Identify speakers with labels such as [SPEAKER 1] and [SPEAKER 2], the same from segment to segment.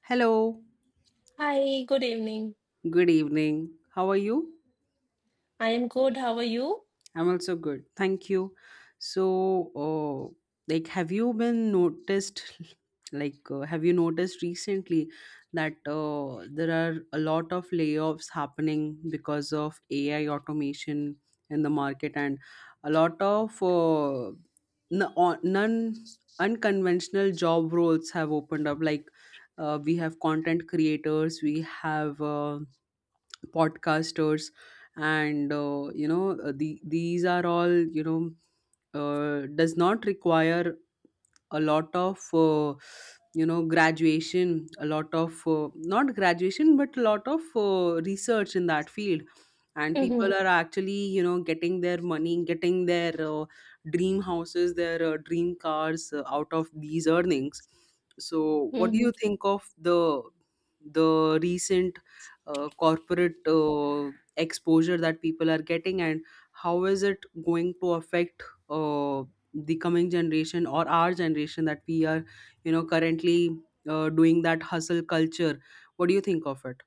[SPEAKER 1] Hello,
[SPEAKER 2] Hi, good evening.
[SPEAKER 1] good evening. How are you?
[SPEAKER 2] I am good. How are you?
[SPEAKER 1] I'm also good. Thank you. So, uh, like, have you been noticed? Like, have you noticed recently that there are a lot of layoffs happening because of AI automation in the market, and a lot of non unconventional job roles have opened up. Like, we have content creators, we have podcasters and these are all does not require a lot of graduation, a lot of not graduation but a lot of research in that field. And people
[SPEAKER 2] Mm-hmm.
[SPEAKER 1] are actually, you know, getting their money, getting their dream houses, their dream cars out of these earnings. So what do you think of the recent corporate exposure that people are getting, and how is it going to affect, uh, the coming generation or our generation that we are, you know, currently doing that hustle culture? What do you think of it?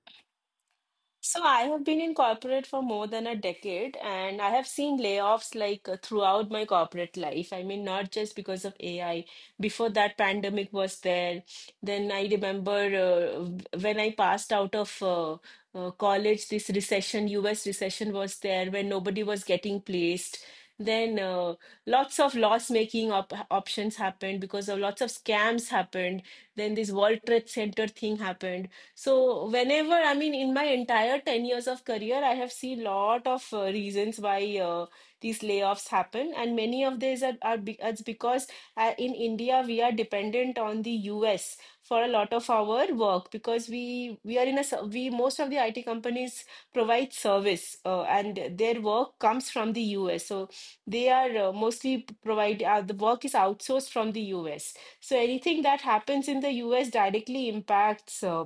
[SPEAKER 2] So I have been in corporate for more than a decade, and I have seen layoffs like throughout my corporate life. I mean, not just because of AI. Before that, pandemic was there. Then I remember when I passed out of college, this recession, US recession was there when nobody was getting placed. Then lots of loss-making op options happened because of lots of scams happened. Then this World Trade Center thing happened, so whenever, I mean, in my entire 10 years of career, I have seen lot of reasons why these layoffs happen, and many of these it's because in India we are dependent on the US for a lot of our work, because we are in a we most of the IT companies provide service and their work comes from the US. So they are mostly provide the work is outsourced from the US. So anything that happens in the US directly impacts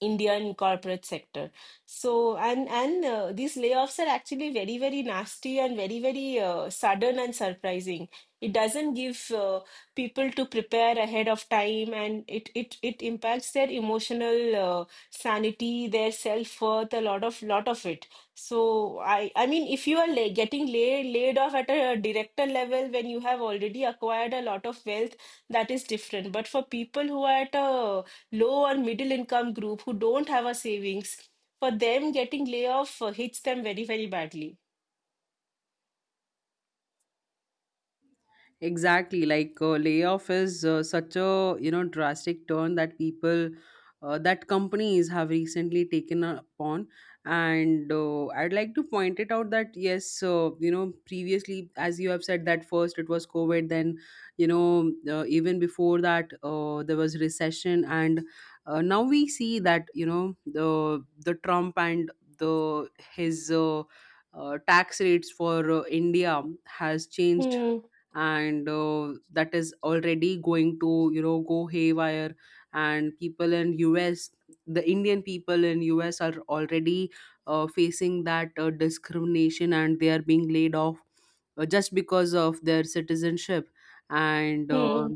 [SPEAKER 2] Indian corporate sector. So and these layoffs are actually very very nasty and very very sudden and surprising. It doesn't give people to prepare ahead of time, and it impacts their emotional sanity, their self-worth, a lot of it. So I mean, if you are la getting laid off at a director level when you have already acquired a lot of wealth, that is different. But for people who are at a low or middle income group who don't have a savings, for them getting layoff hits them very, very badly.
[SPEAKER 1] Exactly, like, layoff is such a, you know, drastic turn that people that companies have recently taken upon, and I'd like to point it out that yes, you know, previously, as you have said, that first it was COVID, then even before that there was recession, and now we see that, you know, the Trump and the his tax rates for India has changed.
[SPEAKER 2] Hmm,
[SPEAKER 1] And that is already going to, you know, go haywire. And people in us, the Indian people in us are already facing that discrimination, and they are being laid off just because of their citizenship. And
[SPEAKER 2] hmm,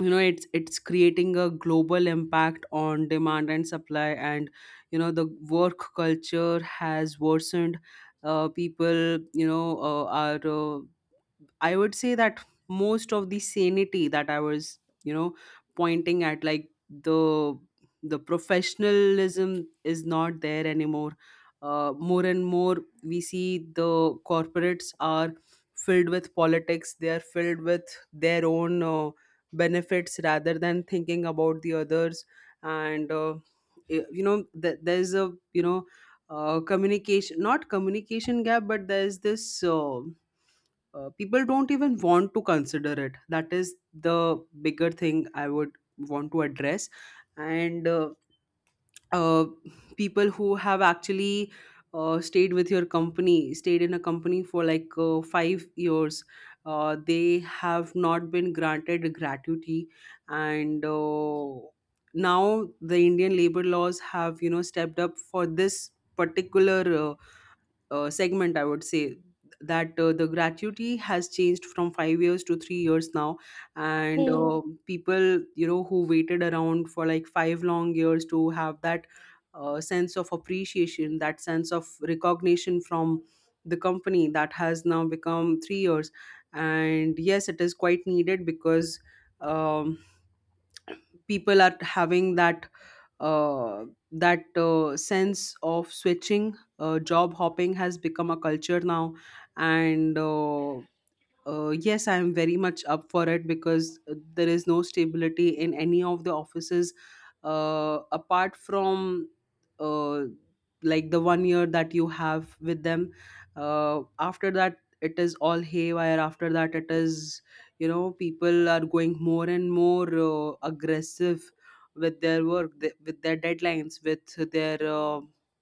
[SPEAKER 1] you know, it's creating a global impact on demand and supply, and you know the work culture has worsened. People, you know are I would say that most of the sanity that I was, you know, pointing at, like the professionalism, is not there anymore. More and more we see the corporates are filled with politics. They are filled with their own benefits rather than thinking about the others. And you know, there's a, you know, communication, not communication gap, but there's this. People don't even want to consider it. That is the bigger thing I would want to address. And uh, people who have actually stayed with your company, stayed in a company for like 5 years, they have not been granted gratuity. And now the Indian labor laws have, you know, stepped up for this particular uh, segment, I would say, that the gratuity has changed from 5 years to 3 years now. And
[SPEAKER 2] hmm.
[SPEAKER 1] people, you know, who waited around for like five long years to have that sense of appreciation, that sense of recognition from the company, that has now become 3 years. And yes, it is quite needed because. Um, People are having that uh, sense of switching. Job hopping has become a culture now. And yes, I am very much up for it because there is no stability in any of the offices apart from uh, like the one year that you have with them. After that, it is all haywire. After that, it is, you know, people are going more and more aggressive with their work, with their deadlines, uh,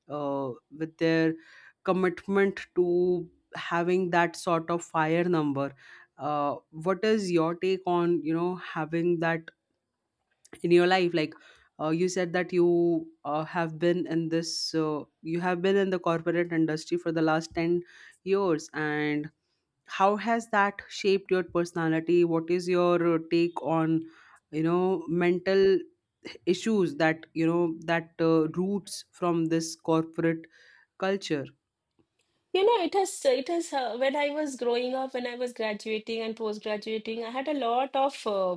[SPEAKER 1] uh, with their commitment to having that sort of fire number. What is your take on, you know, having that in your life? Like, you said that you have been in the corporate industry for the last 10 years. And how has that shaped your personality? What is your take on, you know, mental issues that, you know, that roots from this corporate culture?
[SPEAKER 2] You know, when I was growing up, when I was graduating and post-graduating, I had a lot of uh,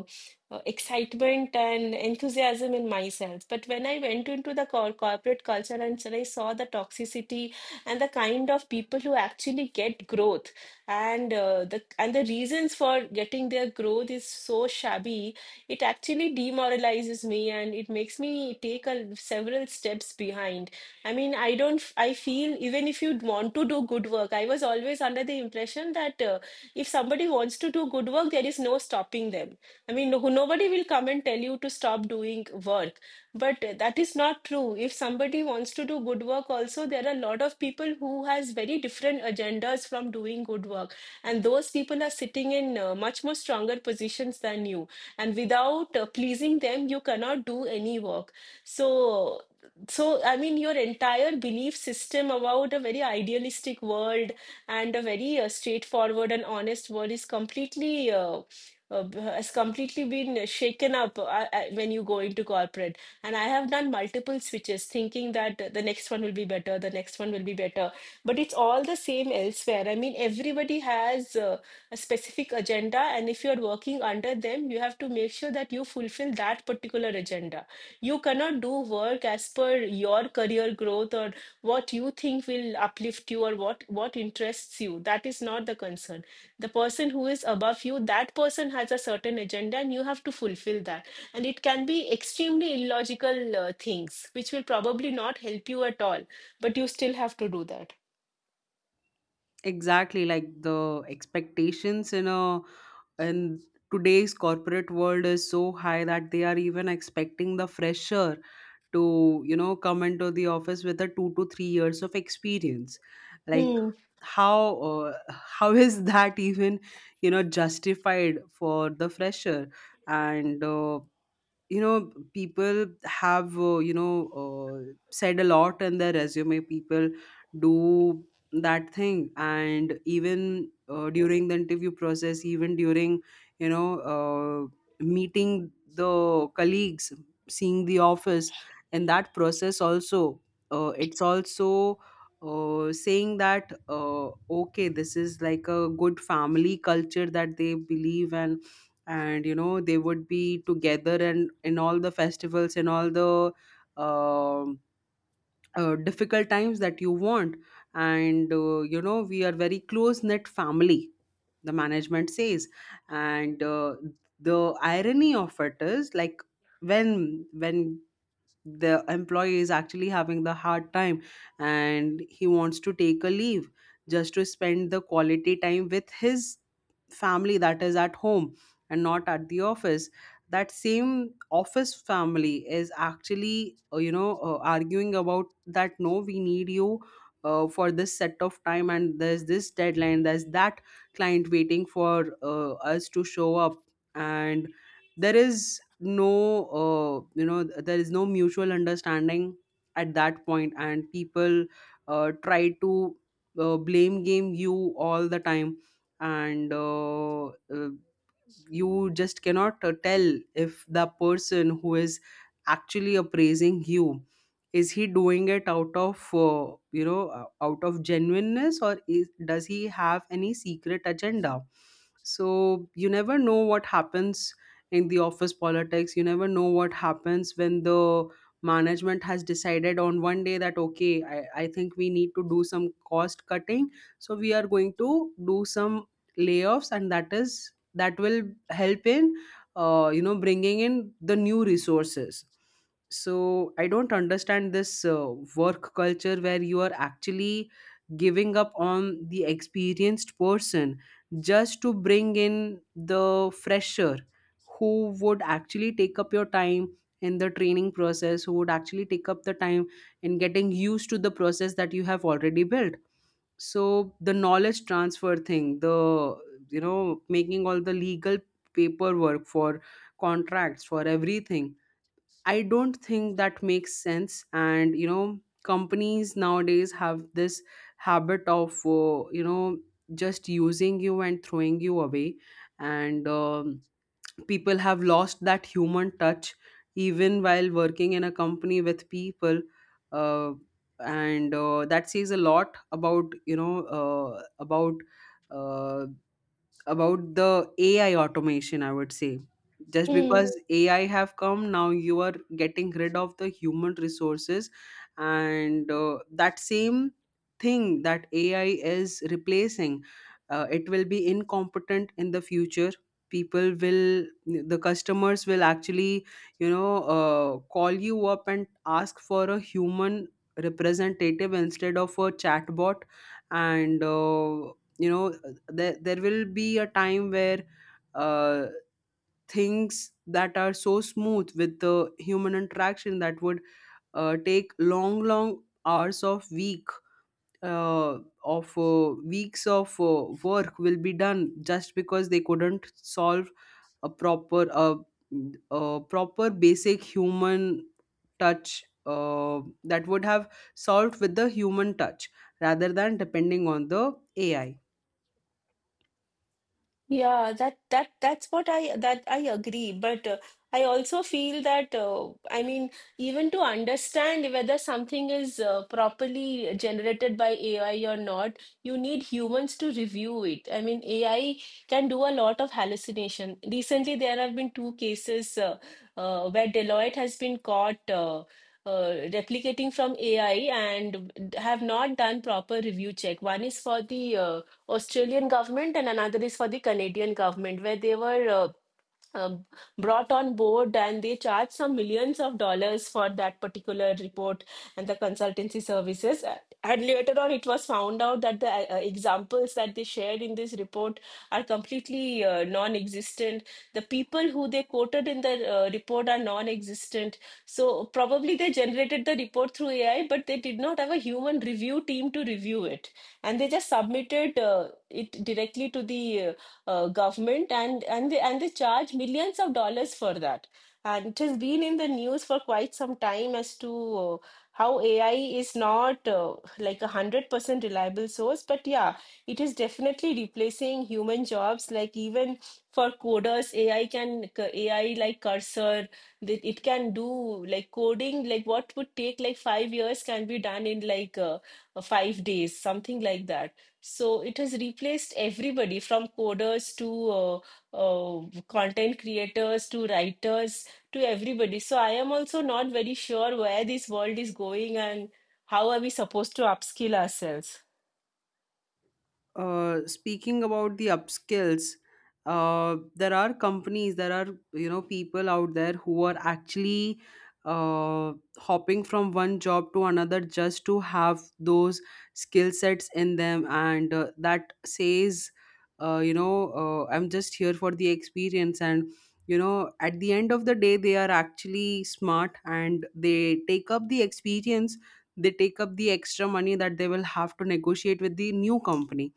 [SPEAKER 2] uh, excitement and enthusiasm in myself. But when I went into the corporate culture and so I saw the toxicity and the kind of people who actually get growth, and the reasons for getting their growth is so shabby. It actually demoralizes me and it makes me take several steps behind. I mean, I don't, f- I feel even if you want to do good work, I was always under the impression that if somebody wants to do good work, there is no stopping them. I mean, no, nobody will come and tell you to stop doing work. But that is not true. If somebody wants to do good work also, there are a lot of people who has very different agendas from doing good work. And those people are sitting in much more stronger positions than you. And without pleasing them, you cannot do any work. So I mean, your entire belief system about a very idealistic world and a very straightforward and honest world has completely been shaken up when you go into corporate. And I have done multiple switches, thinking that the next one will be better, the next one will be better, but it's all the same elsewhere. I mean, everybody has a specific agenda, and if you're working under them, you have to make sure that you fulfill that particular agenda. You cannot do work as per your career growth or what you think will uplift you or what interests you. That is not the concern. The person who is above you, that person has a certain agenda and you have to fulfill that. And it can be extremely illogical things, which will probably not help you at all, but you still have to do that.
[SPEAKER 1] Exactly, like the expectations in a, in today's corporate world is so high that they are even expecting the fresher to, you know, come into the office with a 2 to 3 years of experience. Like,
[SPEAKER 2] Hmm.
[SPEAKER 1] how how is that even, you know, justified for the fresher? And you know, people have said a lot in their resume. People do that thing. And even during the interview process, even during, you know uh, meeting the colleagues, seeing the office, and that process also, it's also saying that, okay, this is like a good family culture that they believe, and, you know, they would be together, and in all the festivals, in all the um difficult times that you want. And you know, we are very close knit family, the management says. And the irony of it is, like, when the employee is actually having the hard time, and he wants to take a leave just to spend the quality time with his family that is at home and not at the office, that same office family is actually, arguing about that, no, we need you for this set of time, and there's this deadline, there's that client waiting for us to show up. And there is no there is no mutual understanding at that point. And people try to blame game you all the time. And you just cannot tell if the person who is actually appraising you, is he doing it out of, out of genuineness, or is, does he have any secret agenda? So you never know what happens in the office politics. You never know what happens when the management has decided on one day that, okay, I think we need to do some cost cutting, so we are going to do some layoffs, and that is, that will help in you know, bringing in the new resources. So I don't understand this work culture where you are actually giving up on the experienced person just to bring in the fresher, who would actually take up your time in the training process, who would actually take up the time in getting used to the process that you have already built. So the knowledge transfer thing, the, you know, making all the legal paperwork for contracts, for everything, I don't think that makes sense. And you know, companies nowadays have this habit of, you know, just using you and throwing you away. And people have lost that human touch even while working in a company with people. Uh, and That says a lot about, uh, about the AI automation, I would say. Just
[SPEAKER 2] Hmm.
[SPEAKER 1] because AI have come, now you are getting rid of the human resources. And that same thing that AI is replacing, it will be incompetent in the future. People will, the customers will actually, you know, call you up and ask for a human representative instead of a chatbot. And you know, there will be a time where uh, things that are so smooth with the human interaction, that would take long long hours of week, uh, of weeks of work will be done, just because they couldn't solve a proper uh, a proper basic human touch that would have solved with the human touch rather than depending on the AI.
[SPEAKER 2] Yeah, that's what I agree, but I also feel that I mean even to understand whether something is properly generated by AI or not, you need humans to review it. I mean AI can do a lot of hallucination. Recently, there have been two cases where Deloitte has been caught replicating from AI and have not done proper review check. One is for the Australian government and another is for the Canadian government, where they were um, brought on board and they charge some millions of dollars for that particular report and the consultancy services. And later on, it was found out that the examples that they shared in this report are completely non existent. The people who they quoted in the report are non existent. So, probably they generated the report through AI, but they did not have a human review team to review it. And they just submitted it directly to the uh, government, and they charge millions of dollars for that, and it has been in the news for quite some time as to uh, how ai is not like a 100% reliable source, but yeah, it is definitely replacing human jobs, like even for coders ai like cursor, that it can do, like coding, like what would take like 5 years can be done in like 5 days, something like that. So it has replaced everybody from coders to content creators to writers to everybody. So I am also not very sure where this world is going and how are we supposed to upskill ourselves.
[SPEAKER 1] Speaking about the upskills, there are companies, there are, you know, people out there who are actually hopping from one job to another just to have those skill sets in them. And that says, I'm just here for the experience, and. You know, at the end of the day, they are actually smart, and they take up the experience, they take up the extra money that they will have to negotiate with the new company.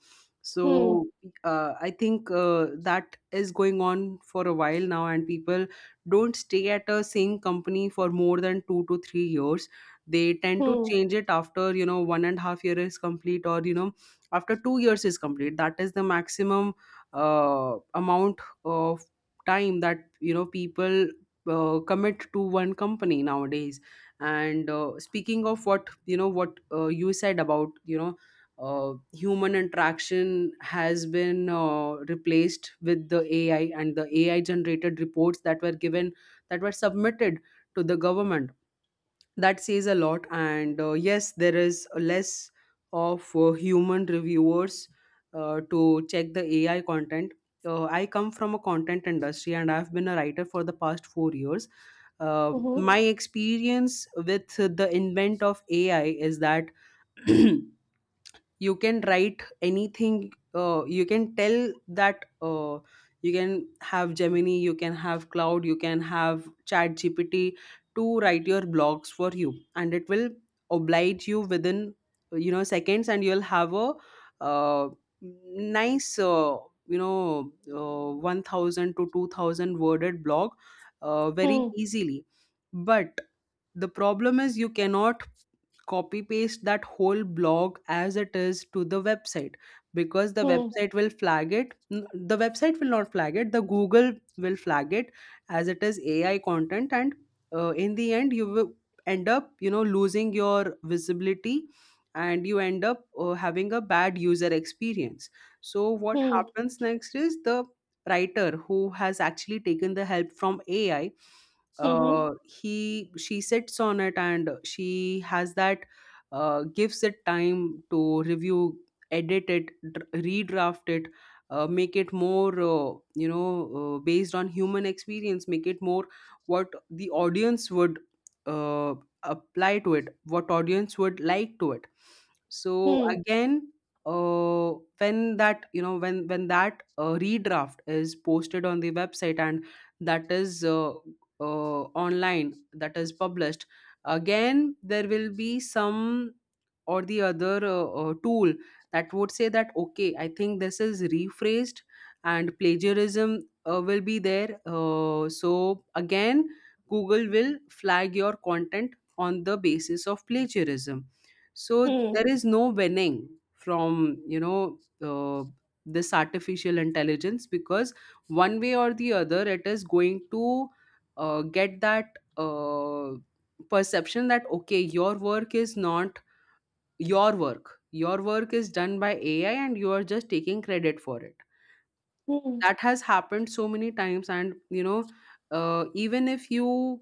[SPEAKER 2] Hmm,
[SPEAKER 1] So I think that is going on for a while now, and people don't stay at a same company for more than 2 to 3 years. They tend to
[SPEAKER 2] hmm,
[SPEAKER 1] change it after, you know, 1.5 years is complete, or you know, after 2 years is complete. That is the maximum amount of time that, you know, people commit to one company nowadays. And speaking of what, you know, what you said about, human interaction has been replaced with the AI, and the AI generated reports that were given, that were submitted to the government. That says a lot. And yes, there is less of human reviewers to check the AI content. I come from a content industry, and I've been a writer for the past 4 years.
[SPEAKER 2] mhm,
[SPEAKER 1] My experience with the invent of AI is that you can write anything, you can tell that, you can have Gemini, you can have Cloud, you can have Chat GPT to write your blogs for you, and it will oblige you within, seconds, and you'll have a uh, nice 1000 to 2000 worded blog very
[SPEAKER 2] hmm,
[SPEAKER 1] easily. But the problem is, you cannot copy paste that whole blog as it is to the website, because the
[SPEAKER 2] hmm,
[SPEAKER 1] website will flag it, the website will not flag it, the Google will flag it as it is AI content. And in the end, you will end up losing your visibility, and you end up having a bad user experience. So what
[SPEAKER 2] hmm,
[SPEAKER 1] happens next is, the writer who has actually taken the help from AI,
[SPEAKER 2] mhm,
[SPEAKER 1] he she sits on it, and she has that, gives it time to review, edit it, redraft it, make it more, based on human experience, make it more what the audience would uh, apply to it, what audience would like to it. So
[SPEAKER 2] hmm, hmm,
[SPEAKER 1] again, uh, when that you know when that redraft is posted on the website and that is online, that is published, again there will be some or the other tool that would say that, okay I think this is rephrased, and plagiarism will be there. So again, Google will flag your content on the basis of plagiarism. So there is no winning from, uh, this artificial intelligence, because one way or the other, it is going to get that perception that, okay your work is not your work, your work is done by AI, and you are just taking credit for it.
[SPEAKER 2] hmm,
[SPEAKER 1] That has happened so many times. And even if you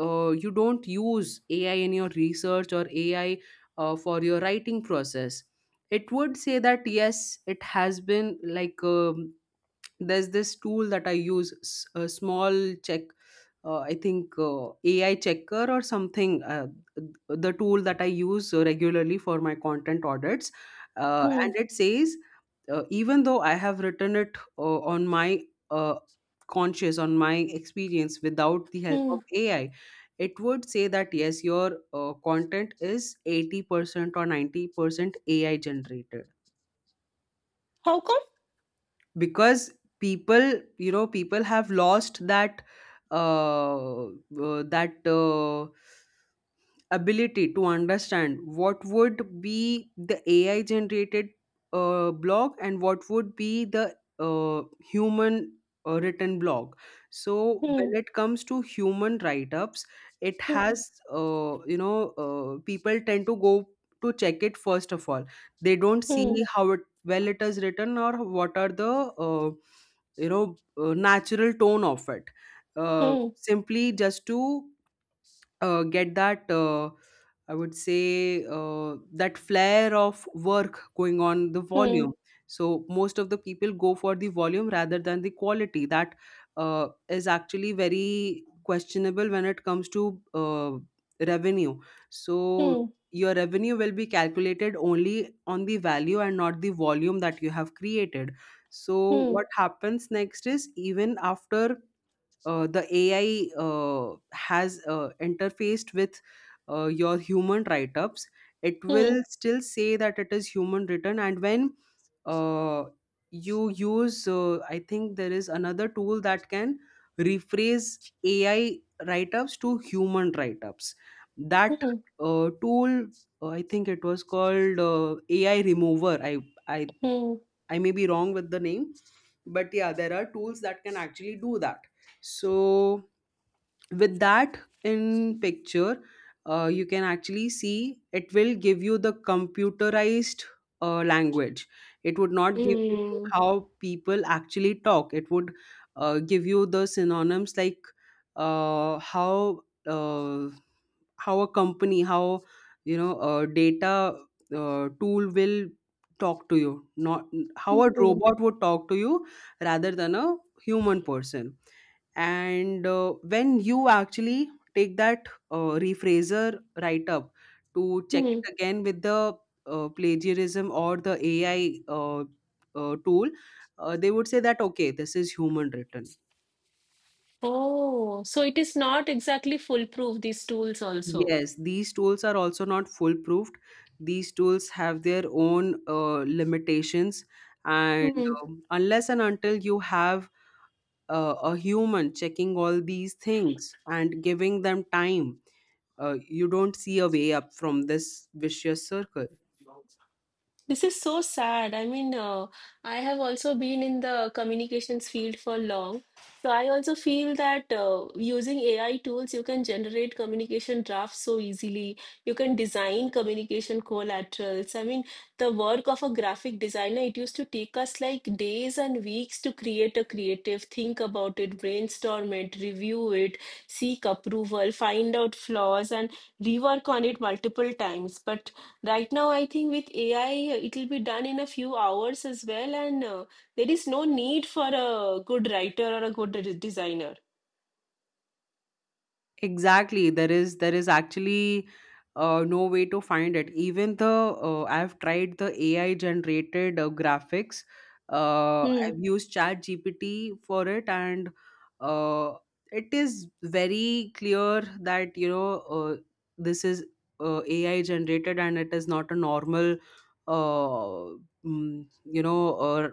[SPEAKER 1] uh, you don't use AI in your research, or AI for your writing process, it would say that yes, it has been like, there's this tool that I use, a small check, I think AI checker or something, the tool that I use regularly for my content audits,
[SPEAKER 2] hmm,
[SPEAKER 1] and it says even though I have written it on my uh, conscious, on my experience without the help
[SPEAKER 2] hmm.
[SPEAKER 1] of AI, it would say that yes, your content is 80% or 90% AI generated.
[SPEAKER 2] How come?
[SPEAKER 1] Because people, people have lost that, uh, uh, that uh, ability to understand what would be the AI generated blog, and what would be the human written blog. So
[SPEAKER 2] Hmm,
[SPEAKER 1] when it comes to human write ups, it
[SPEAKER 2] hmm,
[SPEAKER 1] has, people tend to go to check it. First of all, they don't see
[SPEAKER 2] hmm,
[SPEAKER 1] how it well it is written, or what are the uh, natural tone of it,
[SPEAKER 2] hmm,
[SPEAKER 1] simply just to get that, I would say, that flair of work going on the
[SPEAKER 2] hmm,
[SPEAKER 1] volume. So most of the people go for the volume rather than the quality, that is actually very questionable when it comes to revenue. So
[SPEAKER 2] hmm,
[SPEAKER 1] your revenue will be calculated only on the value, and not the volume that you have created. So
[SPEAKER 2] hmm, hmm,
[SPEAKER 1] what happens next is, even after the AI has interfaced with your human write ups, it
[SPEAKER 2] hmm,
[SPEAKER 1] will still say that it is human written. And when uh, you use, I think there is another tool that can rephrase AI write ups to human write ups. That tool, I think it was called AI Remover. I,
[SPEAKER 2] hmm,
[SPEAKER 1] I may be wrong with the name, but yeah, there are tools that can actually do that. So with that in picture, you can actually see, it will give you the computerized language. It would not give you
[SPEAKER 2] hmm,
[SPEAKER 1] how people actually talk. It would give you the synonyms, like uh, how uh, how a company how you know a data tool will talk to you, not how a
[SPEAKER 2] hmm.
[SPEAKER 1] robot would talk to you, rather than a human person. And when you actually take that rephraser write up to check
[SPEAKER 2] Hmm.
[SPEAKER 1] it again with the plagiarism or the AI tool, they would say that, okay this is human written.
[SPEAKER 2] Oh, so it is not exactly foolproof, these tools also.
[SPEAKER 1] Yes, these tools are also not foolproof. These tools have their own limitations. And
[SPEAKER 2] Hmm.
[SPEAKER 1] unless and until you have a human checking all these things and giving them time, you don't see a way up from this vicious circle.
[SPEAKER 2] This is so sad. I mean, I have also been in the communications field for long. So I also feel that using AI tools, you can generate communication drafts so easily. You can design communication collaterals. I mean, the work of a graphic designer, it used to take us like days and weeks to create a creative, think about it, brainstorm it, review it, seek approval, find out flaws, and rework on it multiple times. But right now, I think with AI, it'll be done in a few hours as well, and there is no need for a good writer or a good designer.
[SPEAKER 1] Exactly. There is actually no way to find it. Even the, I've tried the AI generated graphics.
[SPEAKER 2] Hmm.
[SPEAKER 1] I've used Chat GPT for it, and uh, it is very clear that, this is AI generated, and it is not a normal uh, mm, you know uh,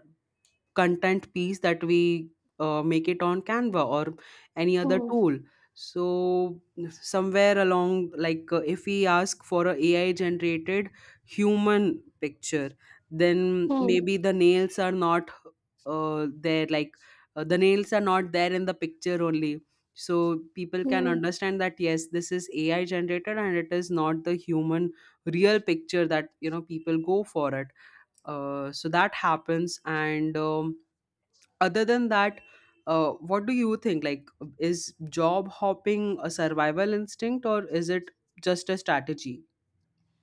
[SPEAKER 1] content piece that we make it on Canva or any other
[SPEAKER 2] Hmm.
[SPEAKER 1] tool. So somewhere along, like if we ask for a AI generated human picture, then
[SPEAKER 2] Hmm.
[SPEAKER 1] maybe the nails are not there. Like the nails are not there in the picture only. So people can
[SPEAKER 2] Hmm.
[SPEAKER 1] understand that yes, this is AI generated and it is not the human real picture, that, people go for it. So that happens. And other than that, what do you think, like is job hopping a survival instinct, or is it just a strategy?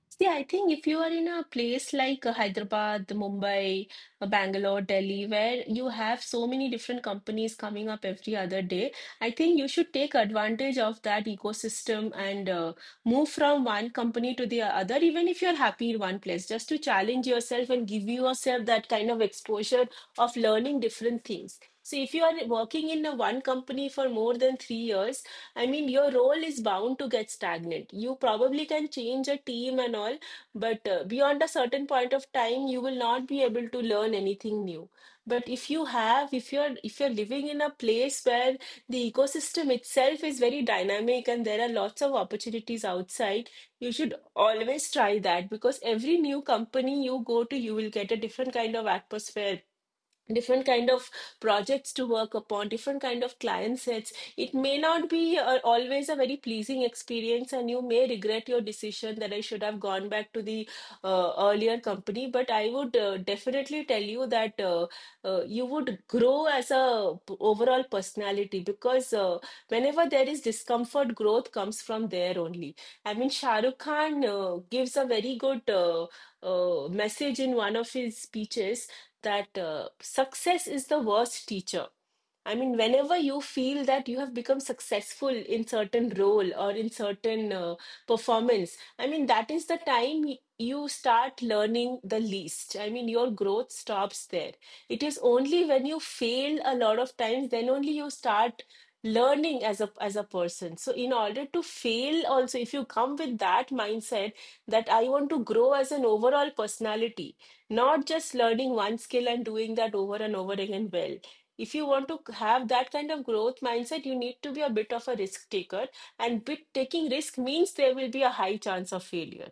[SPEAKER 2] See, I think if you are in a place like Hyderabad, Mumbai, Bangalore, Delhi, where you have so many different companies coming up every other day, I think you should take advantage of that ecosystem and move from one company to the other, even if you're happy in one place, just to challenge yourself and give yourself that kind of exposure of learning different things. So if you are working in a one company for more than 3 years, I mean, your role is bound to get stagnant. You probably can change a team and all, but beyond a certain point of time, you will not be able to learn anything new. But if you have, if you're living in a place where the ecosystem itself is very dynamic and there are lots of opportunities outside, you should always try that, because every new company you go to, you will get a different kind of atmosphere, different kind of projects to work upon, different kind of client sets. It may not be always a very pleasing experience and you may regret your decision that I should have gone back to the earlier company, but I would definitely tell you that you would grow as a overall personality, because whenever there is discomfort, growth comes from there only. I mean, Shahrukh Khan gives a very good message in one of his speeches that success is the worst teacher. I mean, whenever you feel that you have become successful in certain role or in certain performance, I mean, that is the time you start learning the least. I mean, your growth stops there. It is only when you fail a lot of times, then only you start learning as a person. So in order to fail also, if you come with that mindset that I want to grow as an overall personality, not just learning one skill and doing that over and over again. Well, if you want to have that kind of growth mindset, you need to be a bit of a risk taker. And bit taking risk means there will be a high chance of failure.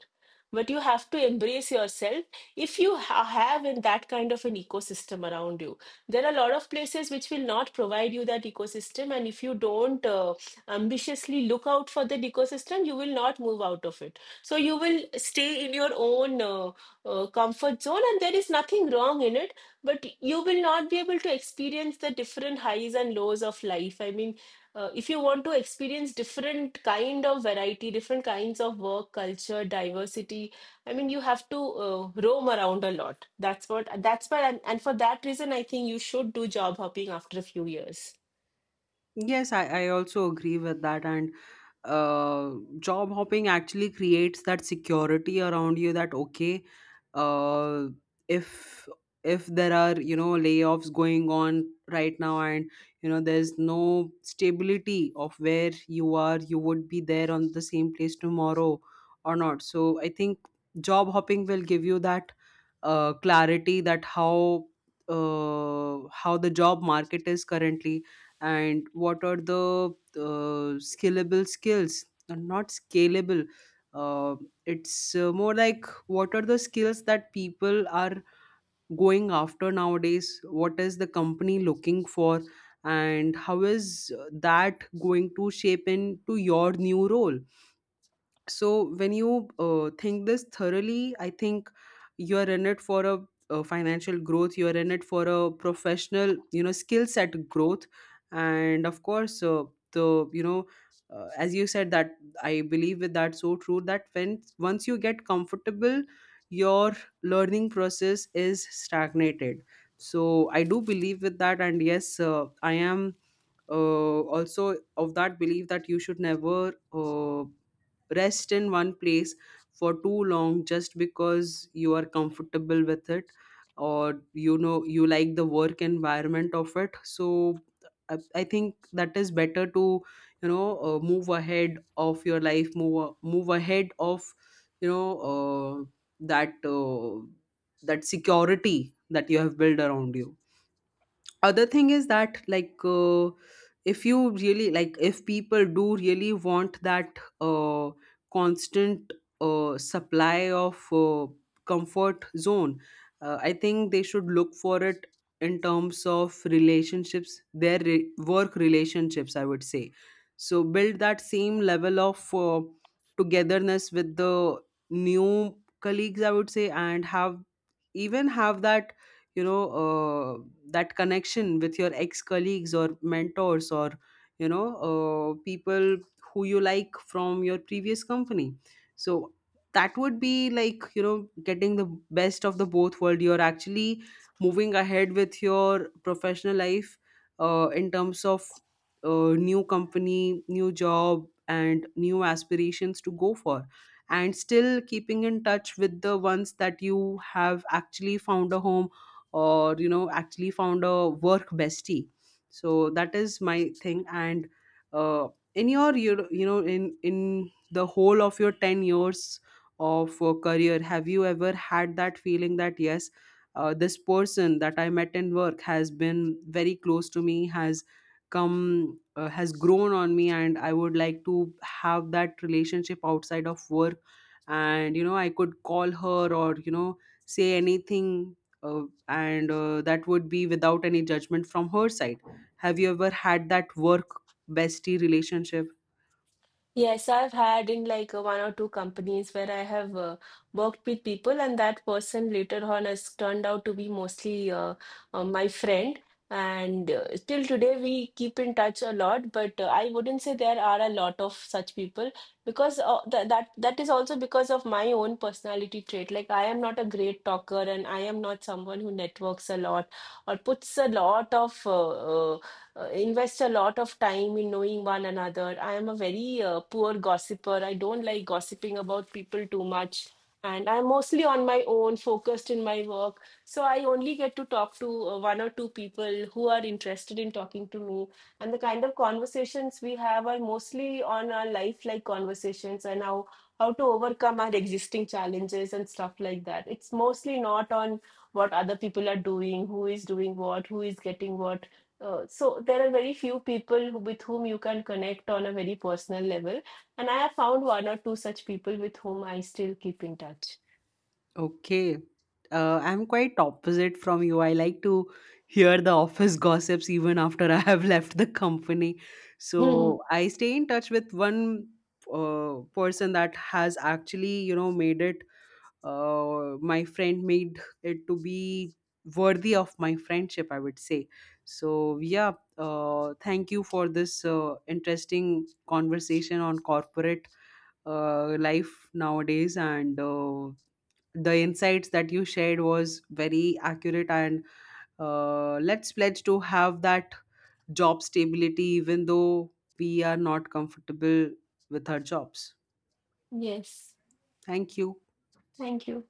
[SPEAKER 2] But you have to embrace yourself if you have in that kind of an ecosystem around you. There are a lot of places which will not provide you that ecosystem, and if you don't ambitiously look out for that ecosystem, you will not move out of it. So you will stay in your own comfort zone, and there is nothing wrong in it. But you will not be able to experience the different highs and lows of life. I mean, if you want to experience different kind of variety, different kinds of work culture, diversity, I mean you have to uh, roam around a lot. That's why, and for that reason I think you should do job hopping after a few years.
[SPEAKER 1] Yes, I also agree with that. And uh, job hopping actually creates that security around you that, okay, uh, if there are layoffs going on right now, and there's no stability of where you are, you would be there on the same place tomorrow or not. So I think job hopping will give you that clarity that, how the job market is currently, and what are the scalable skills. Not scalable, uh, it's more like, what are the skills that people are going after nowadays, what is the company looking for, and how is that going to shape into your new role. So when you think this thoroughly, I think you're in it for a financial growth, you're in it for a professional, skill set growth. And of course, the you know as you said that, I believe with that, so true, that when once you get comfortable, your learning process is stagnated. So I do believe with that. And yes, I am also of that belief that you should never rest in one place for too long, just because you are comfortable with it, or you know you like the work environment of it. So I think that is better to, move ahead of your life, move move ahead of you know uh, that uh, that security that you have built around you. Other thing is that, like if you really like, if people do really want that constant supply of comfort zone, I think they should look for it in terms of relationships, their work relationships, I would say. So build that same level of togetherness with the new colleagues, I would say, and have even have you know uh, that connection with your ex colleagues or mentors, or people who you like from your previous company. So that would be like, getting the best of the both world. You're actually moving ahead with your professional life, in terms of new company, new job, and new aspirations to go for, and still keeping in touch with the ones that you have actually found a home, or you know, actually found a work bestie. So that is my thing. And uh, in your you you know in the whole of your 10 years of career, have you ever had that feeling that yes, this person that I met in work has been very close to me, has come, has grown on me, and I would like to have that relationship outside of work, and you know I could call her, or say anything, uh, and that would be without any judgment from her side. Have you ever had that work bestie relationship?
[SPEAKER 2] Yes, I've had in like one or two companies where I have worked with people, and that person later on has turned out to be mostly my friend. And till today, we keep in touch a lot. But I wouldn't say there are a lot of such people because th that that is also because of my own personality trait. Like I am not a great talker, and I am not someone who networks a lot or puts a lot of uh, invest a lot of time in knowing one another. I am a very poor gossiper. I don't like gossiping about people too much. And I'm mostly on my own, focused in my work. So I only get to talk to one or two people who are interested in talking to me. And the kind of conversations we have are mostly on our life-like conversations and how to overcome our existing challenges and stuff like that. It's mostly not on what other people are doing, who is doing what, who is getting what. So there are very few people with whom you can connect on a very personal level, and I have found one or two such people with whom I still keep in touch.
[SPEAKER 1] Okay. I'm quite opposite from you. I like to hear the office gossips even after I have left the company. So I stay in touch with one person that has actually, made it, my friend, made it to be worthy of my friendship, I would say. So yeah, thank you for this interesting conversation on corporate life nowadays. And the insights that you shared was very accurate. And let's pledge to have that job stability, even though we are not comfortable with our jobs.
[SPEAKER 2] Yes,
[SPEAKER 1] Thank you.
[SPEAKER 2] thank you.